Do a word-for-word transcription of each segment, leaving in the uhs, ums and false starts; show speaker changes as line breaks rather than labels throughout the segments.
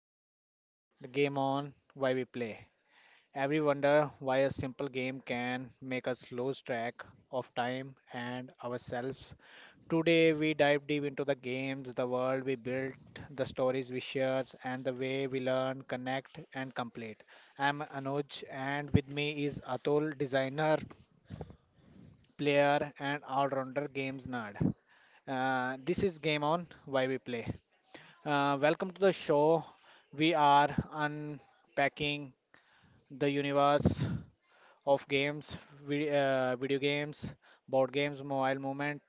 podcast, The Game On Why We Play. Every wonder why a simple game can make us lose track of time and ourselves. Today we dive deep into the games, the world we built, the stories we share, and the way we learn, connect, and complete. I'm Anuj, and with me is Atul, designer, player, and all-rounder games nerd. Uh, this is Game On Why We Play. Uh, welcome to the show. We are unpacking the universe of games, vi- uh, video games, board games, mobile movement,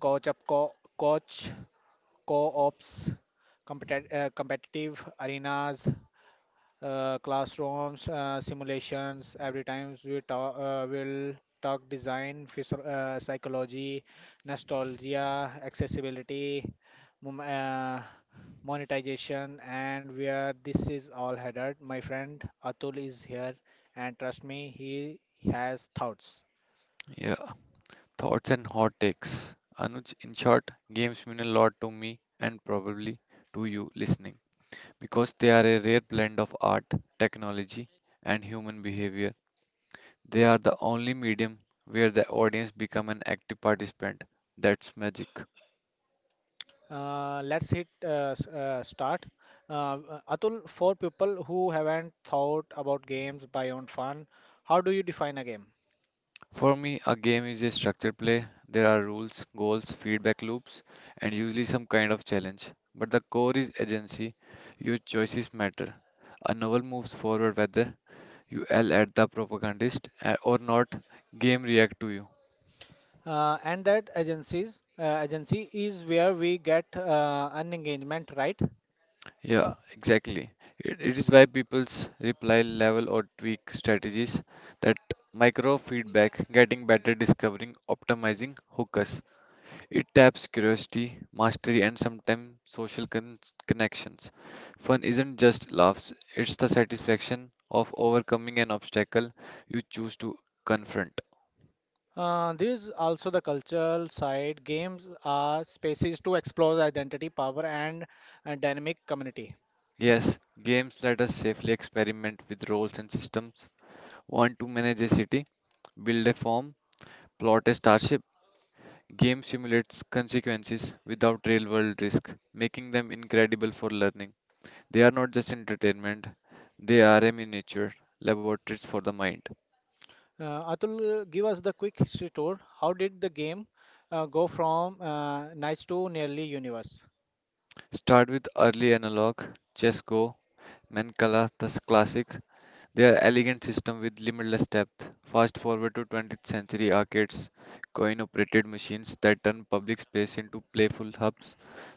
coach up co- coach, co-ops, competi- uh, competitive arenas, uh, classrooms, uh, simulations. Every time we talk, uh, we'll talk design, physio- uh, psychology, nostalgia, accessibility, mom- uh, monetization, and where this is all headed. My friend Atul is here, and trust me, he has thoughts.
Yeah, thoughts and hot takes. Anuj, in short, games mean a lot to me and probably to you listening because they are a rare blend of art, technology, and human behavior. They are the only medium where the audience become an active participant. That's magic.
Uh, let's hit uh, s- uh, start. Uh, Atul, for people who haven't thought about games beyond fun, how do you define a game?
For me, a game is a structured play. There are rules, goals, feedback loops, and usually some kind of challenge. But the core is agency. Your choices matter. A novel moves forward whether you yell at the propagandist uh, or not. Game react to you.
Uh, and that agencies uh, agency is where we get uh, an engagement, right?
Yeah, exactly. It, it is why people's reply level or tweak strategies that micro feedback, getting better, discovering, optimizing, hookers. It taps curiosity, mastery, and sometimes social con- connections. Fun isn't just laughs, it's the satisfaction of overcoming an obstacle you choose to confront.
Uh, there's also the cultural side. Games are spaces to explore the identity, power, and uh, dynamic community.
Yes, games let us safely experiment with roles and systems. Want to manage a city? Build a farm? Plot a starship? Game simulates consequences without real world risk, making them incredible for learning. They are not just entertainment, they are a miniature laboratories for the mind.
Uh, Atul, uh, give us the quick history tour. How did the game uh, go from uh, nice to nearly universe?
Start with early analog, Chessco, Mancala, the classic. Their elegant system with limitless depth. Fast forward to twentieth century arcades, coin-operated machines that turn public space into playful hubs.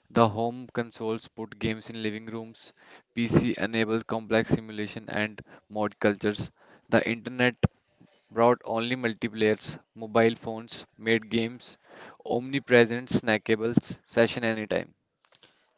The home consoles put games in living rooms. P C enabled complex simulation and mod cultures. The internet brought only multiplayers. Mobile phones made games omnipresent, snackables, session anytime.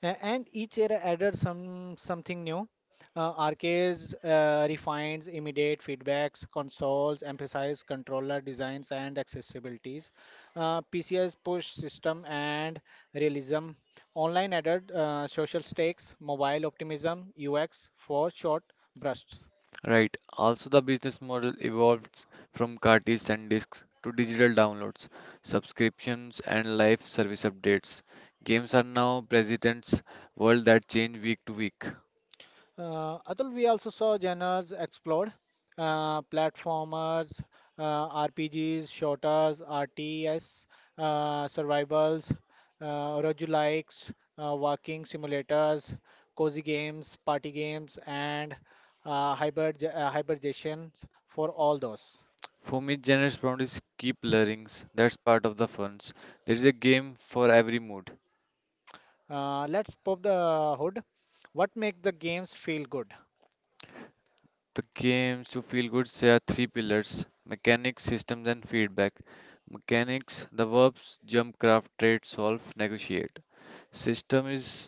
A- and each era added some something new. Uh, arcades uh, refines immediate feedbacks, consoles emphasize controller designs and accessibilities. Uh, P C I's push system and realism. Online added uh, social stakes, mobile optimism, U X for short bursts.
Right. Also, the business model evolved from cartridges and discs to digital downloads, subscriptions, and live service updates. Games are now presidents world that change week to week.
Uh, Atul, we also saw genres explode: uh, platformers, uh, R P Gs, shooters, R T S, uh, survivals, uh, roguelikes, you likes, uh, walking simulators, cozy games, party games, and uh, hybrid uh, hibernations for all those.
For me, genre boundaries keep blurring. That's part of the fun. There is a game for every mood.
Uh, let's pop the hood. What makes the games feel good?
The games to feel good there are three pillars: mechanics, systems, and feedback. Mechanics: the verbs jump, craft, trade, solve, negotiate. System is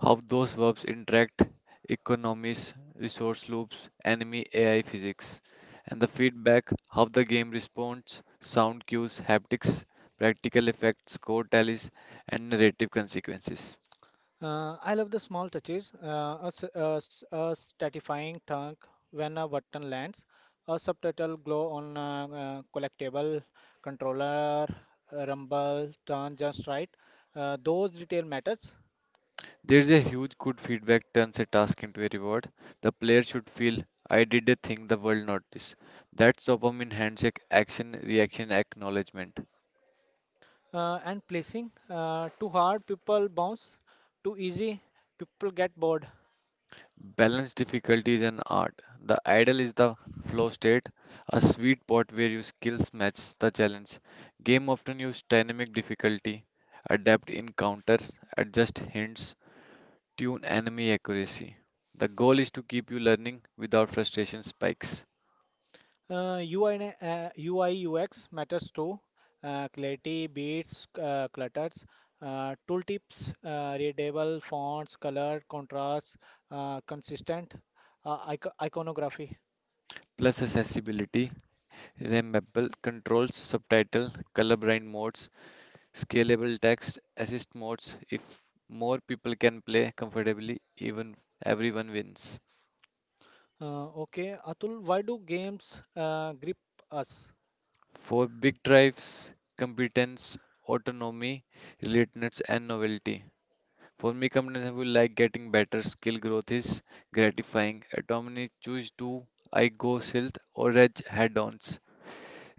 how those verbs interact, economies, resource loops, enemy A I physics, and the feedback, how the game responds, sound cues, haptics, practical effects, score tallies, and narrative consequences.
Uh, I love the small touches, uh, a, s- a s- a stratifying thunk when a button lands, a subtitle glow on a, uh collectible controller, a rumble, turn just right. Uh, those detail matters.
There is a huge good feedback turns a task into a reward. The player should feel, I did a thing the world noticed. That's dopamine handshake action reaction acknowledgement.
Uh, and placing uh, too hard, people bounce. Too easy, people get bored.
Balance difficulty is an art. The ideal is the flow state, a sweet spot where your skills match the challenge. Game often use dynamic difficulty, adapt encounter, adjust hints, tune enemy accuracy. The goal is to keep you learning without frustration spikes.
Uh, U I and uh, U I U X matters too. Uh, clarity, beats, uh, clutters, uh, tooltips, uh, readable fonts, color, contrast, uh, consistent uh, ico iconography.
Plus accessibility, remappable controls, subtitle, colorblind modes, scalable text, assist modes. If more people can play comfortably, even everyone wins.
Uh, okay, Atul, why do games uh, grip us?
For big drives, competence, autonomy, relatedness, and novelty. For me, competence I will like getting better. Skill growth is gratifying. Autonomy choose to I go stealth or edge head-ons.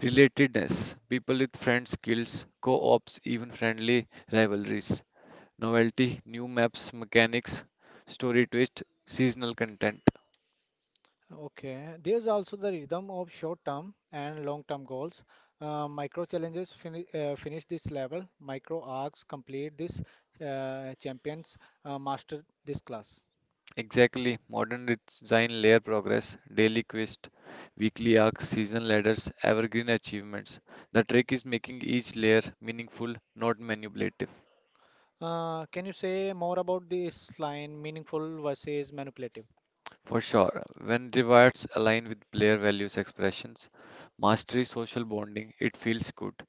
Relatedness, people with friend skills, co-ops, even friendly rivalries. Novelty, new maps, mechanics, story twist, seasonal content.
Okay, there's also the rhythm of short-term and long-term goals. Uh, micro challenges fini uh, finish this level, micro arcs complete this, uh, champions uh, master this class.
Exactly, modern design layer progress, daily quest, weekly arcs, season ladders, evergreen achievements. The trick is making each layer meaningful, not manipulative.
Uh, can you say more about this line, meaningful versus manipulative?
For sure, when rewards align with player values expressions, mastery social bonding, it feels good.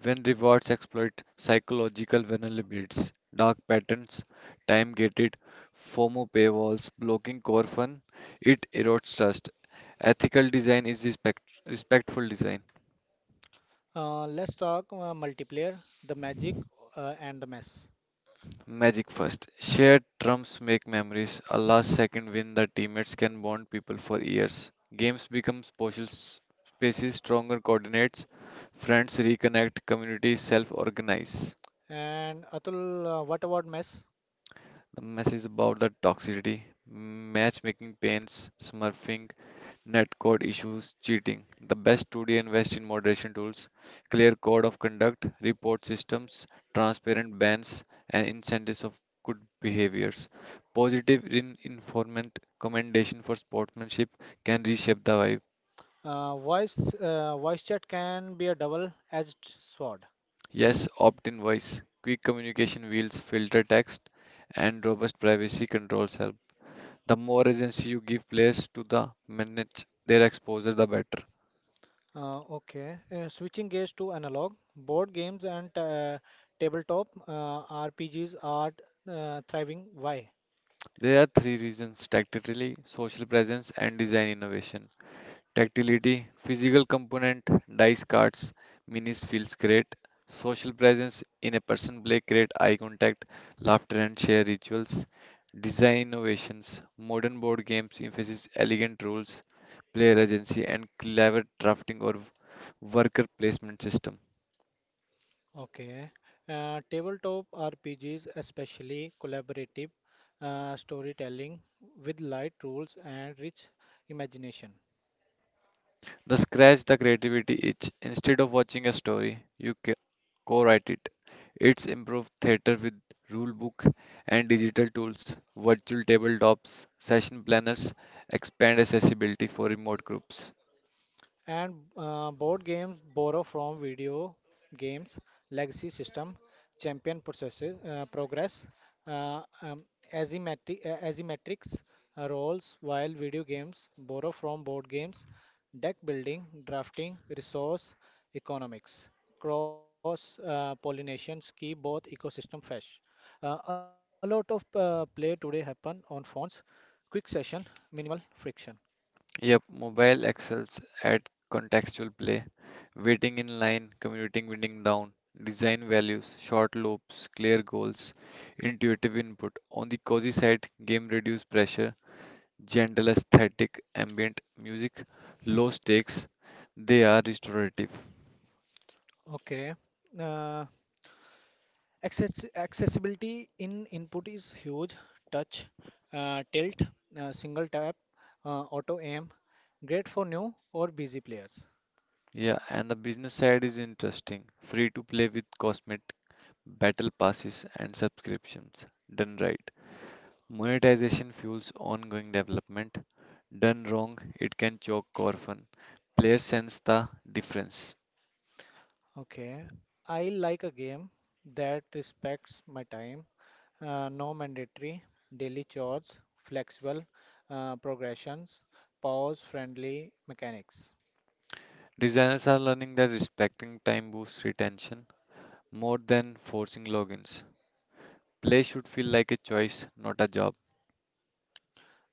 When rewards exploit psychological vulnerabilities, dark patterns, time gated, FOMO paywalls, blocking core fun, it erodes trust. Ethical design is respect- respectful design.
Uh, let's talk uh, multiplayer, the magic, uh, and the mess.
Magic first. Shared trumps make memories. A last second win that teammates can bond people for years. Games become social s- spaces, stronger coordinates. Friends reconnect, communities self organize.
And Atul, uh, what about mess?
The message about the toxicity, matchmaking pains, smurfing, netcode issues, cheating. The best to invest in moderation tools, clear code of conduct, report systems, transparent bans, and incentives of good behaviors. Positive in informant commendation for sportsmanship can reshape the vibe.
Uh, voice uh, voice chat can be a double-edged sword.
Yes, opt-in voice, quick communication wheels, filter text, and robust privacy controls help. The more agency you give players to the manage their exposure, the better.
Uh, okay, uh, switching gears to analog, board games and uh, tabletop uh, R P Gs are uh, thriving. Why?
There are three reasons tactility, social presence, and design innovation. Tactility, physical component, dice cards, minis feels great. Social presence in a person play create eye contact, laughter, and share rituals. Design innovations, modern board games emphasize elegant rules, player agency, and clever drafting or worker placement system.
Okay. Uh, tabletop R P Gs, especially collaborative uh, storytelling with light rules and rich imagination.
The scratch the creativity itch. Instead of watching a story, you ca- co-write it. It's improved theater with rule book and digital tools, virtual tabletops, session planners, expand accessibility for remote groups.
And uh, board games borrow from video games, legacy system, champion processes, uh, progress, uh, um, asymmetri- uh, asymmetrics uh, roles, while video games borrow from board games, deck building, drafting, resource economics. Cross uh, pollinations keep both ecosystem fresh. Uh, a lot of uh, play today happen on phones. Quick session, minimal friction.
Yep, mobile excels at contextual play, waiting in line, commuting winning down, design values, short loops, clear goals, intuitive input. On the cozy side, game reduce pressure gentle aesthetic, ambient music, low stakes, they are restorative.
Okay. Uh, Access accessibility in input is huge. Touch, uh, tilt, uh, single tap, uh, auto aim. Great for new or busy players.
Yeah, and the business side is interesting. Free to play with cosmetic battle passes and subscriptions. Done right. Monetization fuels ongoing development. Done wrong, it can choke core fun. Players sense the difference.
Okay, I like a game that respects my time. Uh, no mandatory daily chores, flexible uh, progressions, pause-friendly mechanics.
Designers are learning that respecting time boosts retention more than forcing logins. Play should feel like a choice, not a job.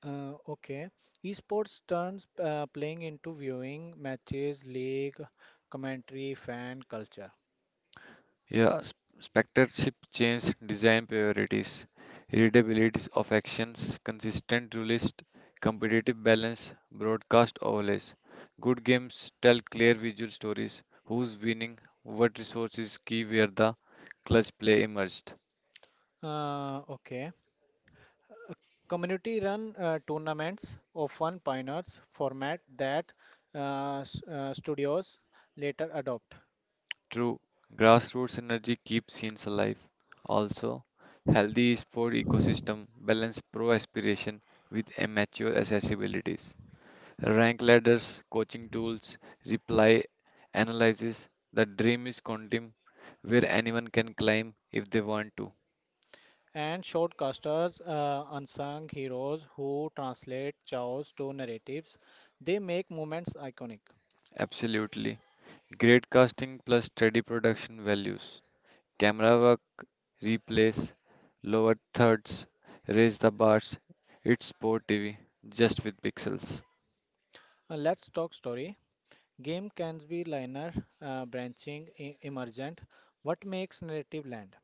Uh, okay, esports turns uh, playing into viewing matches, league, commentary, fan culture.
Yeah, s- spectatorship changed design priorities, readability of actions, consistent rule list, competitive balance, broadcast overlays. Good games tell clear visual stories, who's winning, what resources key where the clutch play emerged.
Uh, okay. Community run uh, tournaments often pioneers format that uh, s- uh, studios later adopt.
True, grassroots energy keeps scenes alive. Also, healthy sport ecosystem balance pro aspiration with amateur accessibilities. Rank ladders, coaching tools, reply analysis. The dream is content where anyone can climb if they want to.
And shortcasters, uh, unsung heroes who translate chaos to narratives, they make moments iconic.
Absolutely. Great casting plus steady production values. Camera work, replays, lower thirds, raise the bars. It's sport T V, just with pixels.
Uh, let's talk story. Game can be linear, uh, branching, e- emergent. What makes narrative land?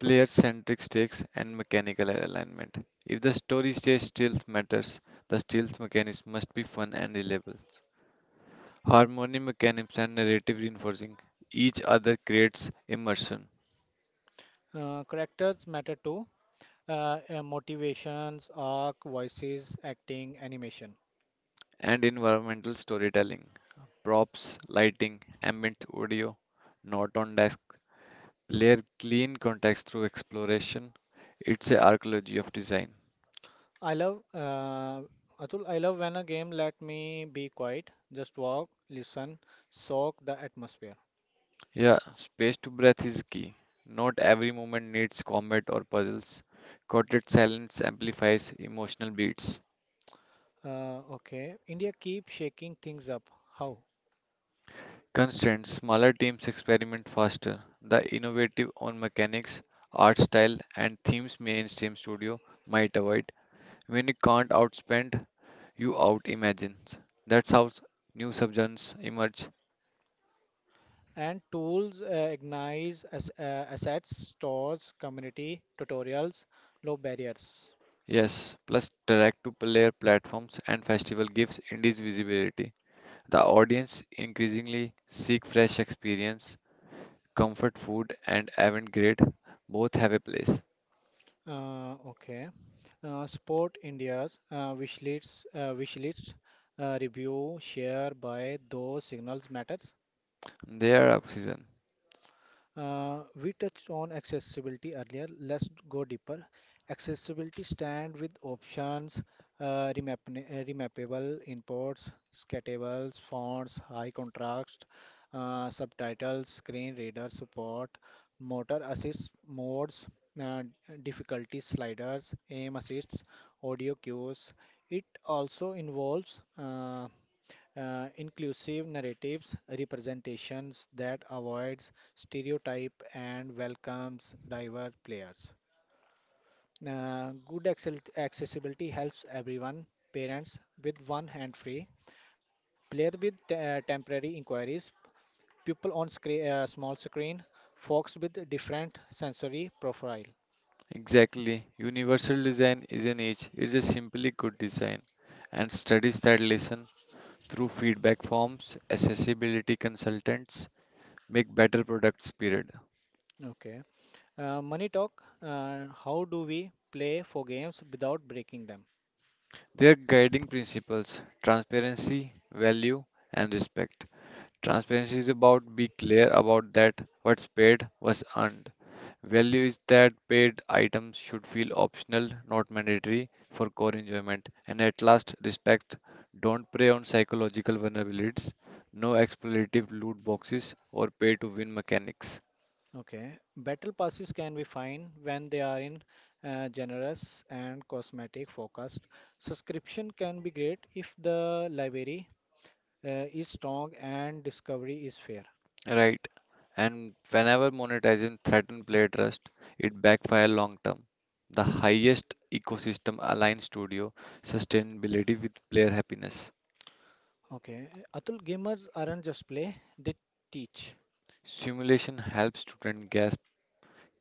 Player centric stakes and mechanical alignment. If the story stays stealth matters, the stealth mechanism must be fun and reliable. Harmony mechanisms and narrative reinforcing each other creates immersion
Uh, characters matter too. Uh, uh, motivations, arc, voices, acting, animation.
and environmental storytelling. Props, lighting, ambient audio, not on desk, layer clean context through exploration. It's a archaeology of design.
I love uh, Atul, I love when a game let me be quiet, just walk, listen, soak the atmosphere.
Yeah, space to breath is key. Not every moment needs combat or puzzles. Quartet silence amplifies emotional beats.
Uh, okay, India keep shaking things up. How?
Constant, smaller teams experiment faster. The innovative on mechanics, art style, and themes mainstream studio might avoid. When you can't outspend, you out imagine. That's how new subgenres emerge.
And tools uh, ignite as, uh, assets, stores, community, tutorials, low barriers.
Yes, plus direct to player platforms and festival gives indies visibility. The audience increasingly seek fresh experience, comfort food and avant-garde both have a place.
Uh, okay, uh, support India's uh, wish lists, uh, wish lists, uh, review, share, buy, those signals matters.
They are oxygen.
Uh, we touched on accessibility earlier. Let's go deeper. Accessibility stand with options, uh, remap uh, remappable imports, scatables, fonts, high contrast, uh, subtitles, screen reader support, motor assist modes, uh, difficulty sliders, aim assists, audio cues. It also involves uh, uh, inclusive narratives representations that avoids stereotype and welcomes diverse players. Uh, good accel- accessibility helps everyone, parents with one hand free, player with uh, temporary inquiries, People on screen, uh, small screen, folks with different sensory profile.
Exactly. Universal design is an age. It's a simply good design. And studies that listen through feedback forms, accessibility consultants make better products period.
Okay. Uh, money talk. Uh, how do we play for games without breaking them?
Their guiding principles, transparency, value, and respect. Transparency is about be clear about that what's paid was earned. Value is that paid items should feel optional, not mandatory for core enjoyment. And at last, respect. Don't prey on psychological vulnerabilities. No exploitative loot boxes or pay to win mechanics.
Okay, battle passes can be fine when they are in uh, generous and cosmetic focused. Subscription can be great if the library uh, is strong and discovery is fair.
Right. And whenever monetization threatens player trust, it backfires long term. The highest ecosystem aligned studio sustainability with player happiness.
Okay, Atul, gamers aren't just play, they teach.
Simulation helps students grasp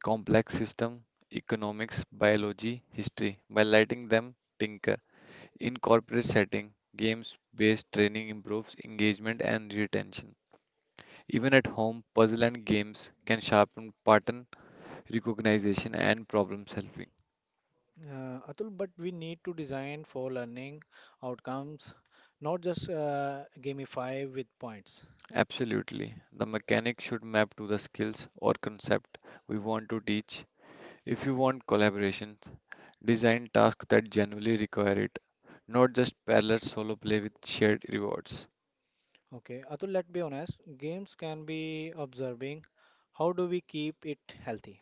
complex systems, economics, biology, history by letting them tinker. In corporate setting, games-based training improves engagement and retention. Even at home, puzzle and games can sharpen pattern recognition and problem solving.
Uh, Atul, but we need to design for learning outcomes, not just uh, gamify with points.
Absolutely. The mechanic should map to the skills or concept we want to teach. If you want collaborations, design tasks that genuinely require it, not just parallel solo play with shared rewards.
Okay, Atul, let's be honest, games can be observing. How do we keep it healthy?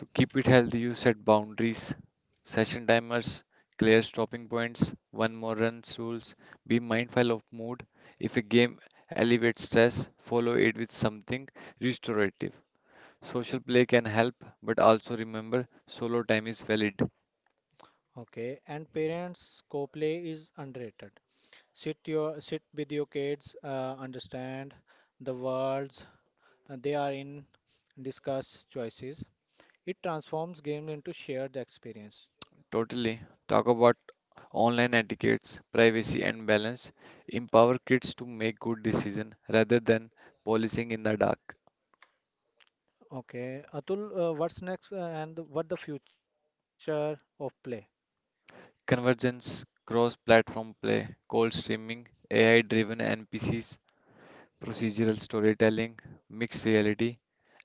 To keep it healthy, you set boundaries, session timers, clear stopping points, one more runs rules. Be mindful of mood. If a game elevates stress, follow it with something restorative. Social play can help, but also remember solo time is valid.
Okay, and parents co-play is underrated. Sit your sit with your kids, uh, understand the worlds uh, they are in, discuss choices. It transforms games into shared experience.
Totally. Talk about online etiquettes, privacy and balance. Empower kids to make good decisions rather than policing in the dark.
Okay, Atul, uh, what's next uh, and what the future of play?
Convergence, cross-platform play, cold streaming, A I-driven N P Cs, procedural storytelling, mixed reality.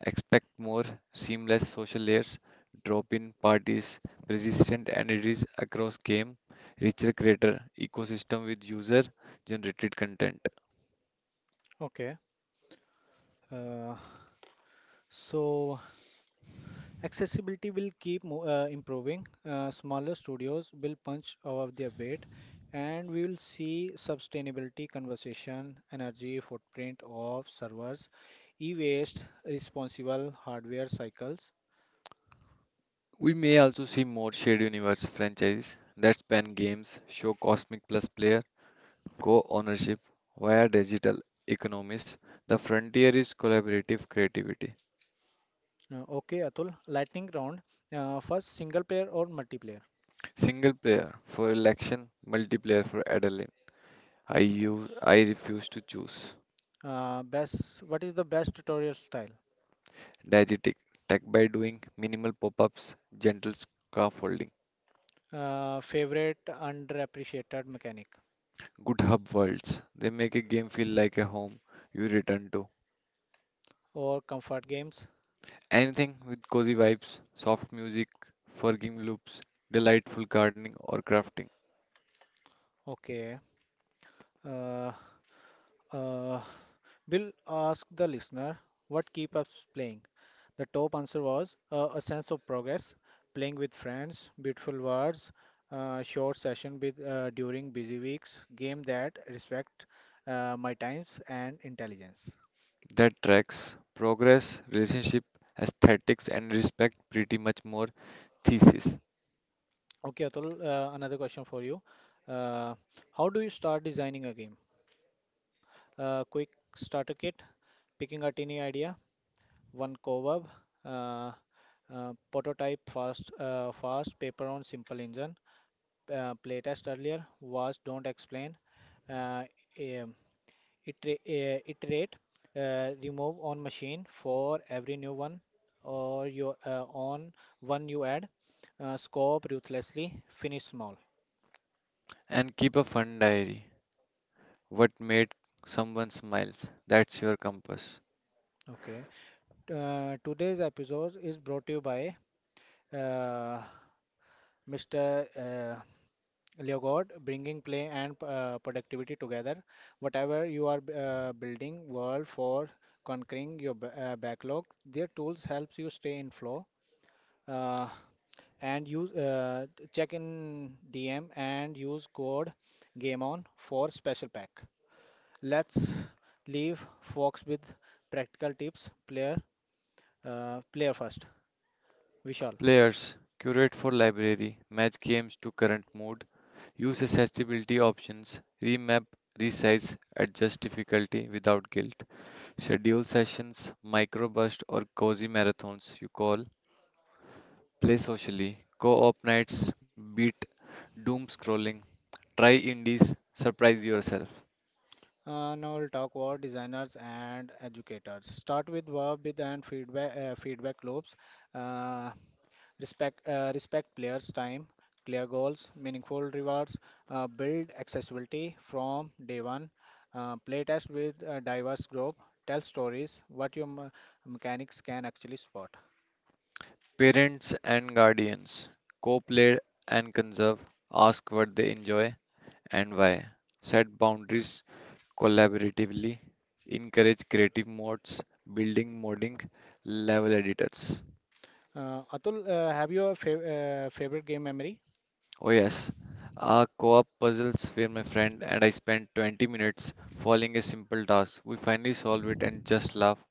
Expect more seamless social layers, drop-in parties, persistent entities across game, richer creator ecosystem with user-generated content.
Okay, uh, so Accessibility will keep mo- uh, improving. Uh, smaller studios will punch above their weight, and we will see sustainability conversation, energy footprint of servers, e-waste, responsible hardware cycles.
We may also see more shared universe franchises that span games, show cosmic plus player, co ownership via digital economies. The frontier is collaborative creativity.
Uh, okay, Atul. Lightning round. Uh, first, single player or multiplayer?
Single player for election, multiplayer for adrenaline. I use, I refuse to choose.
Uh, best. What is the best tutorial style?
Diegetic tech by doing, minimal pop ups, gentle scaffolding.
Uh, favorite underappreciated mechanic
Good hub worlds. They make a game feel like a home you return to.
or comfort games?
Anything with cozy vibes, soft music, forgiving loops, delightful gardening or crafting.
Okay. Uh, uh, We'll ask the listener what keep us playing. The top answer was uh, a sense of progress, playing with friends, beautiful words, uh, short session with uh, during busy weeks, game that respect uh, my times and intelligence.
That tracks progress, relationship, aesthetics, and respect pretty much more thesis.
Okay, Atul, uh, another question for you. Uh, how do you start designing a game? Uh, quick starter kit, picking a tiny idea, one co-op, uh, uh, prototype, fast, uh, fast paper on simple engine uh, playtest earlier was don't explain, uh, um, itera- uh, iterate, uh, remove on machine for every new one or your uh, on one you add, uh, scope ruthlessly, finish small.
And keep a fun diary. What made someone smiles? That's your compass.
Okay. Uh, today's episode is brought to you by uh, Mister Leo God, bringing play and uh, productivity together. Whatever you are uh, building, world for conquering your ba- uh, backlog, their tools helps you stay in flow. Uh, and use uh, check in D M and use code game on for special pack. Let's leave Fox with practical tips. Player, uh, player first. Vishal.
Players, curate for library, match games to current mood, use accessibility options, remap, resize, adjust difficulty without guilt. Schedule sessions, microburst or cozy marathons you call, play socially, co-op nights, beat doom scrolling, try indies, surprise yourself.
Uh, now we'll talk about designers and educators. Start with verb with and feedback uh, feedback loops. Uh, respect uh, Respect players' time, clear goals, meaningful rewards, uh, build accessibility from day one. Uh, play test with a diverse group. Tell stories what your me- mechanics can actually spot.
Parents and guardians, co-play and conserve, ask what they enjoy and why. Set boundaries collaboratively, encourage creative modes, building modding, level editors.
Uh, Atul, uh, have your fav uh, favorite game memory?
Oh yes, our co-op puzzles where my friend and I spent twenty minutes following a simple task. We finally solve it and just laugh.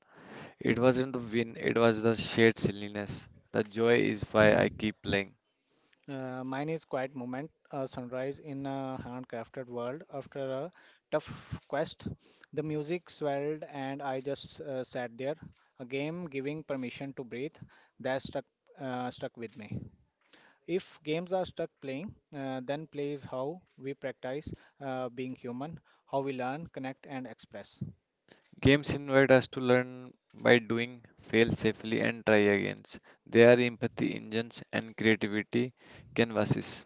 It wasn't the win, it was the shared silliness. The joy is why I keep playing.
Uh, mine is quiet moment, a sunrise in a handcrafted world. After a tough quest, the music swelled and I just uh, sat there, a game giving permission to breathe. That stuck, uh, stuck with me. If games are stuck playing, uh, then play is how we practice uh, being human, how we learn, connect, and express.
Games invite us to learn by doing, fail safely and try again. They are empathy engines and creativity canvases.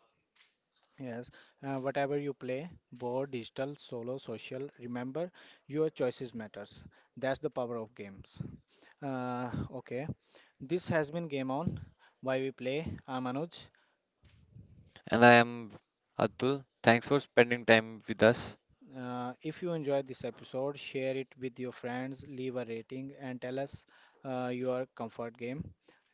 Yes, uh, whatever you play, board, digital, solo, social, remember your choices matters. That's the power of games. Uh, okay, this has been Game On, why we play. I'm Anuj.
And I am Atul. Thanks for spending time with us.
Uh, if you enjoyed this episode, share it with your friends, leave a rating, and tell us uh, your comfort game.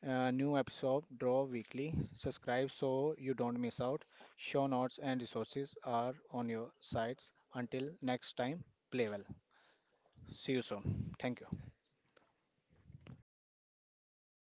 Uh, new episode draw weekly. Subscribe so you don't miss out. Show notes and resources are on your sites. Until next time, play well. See you soon. Thank you. Bam.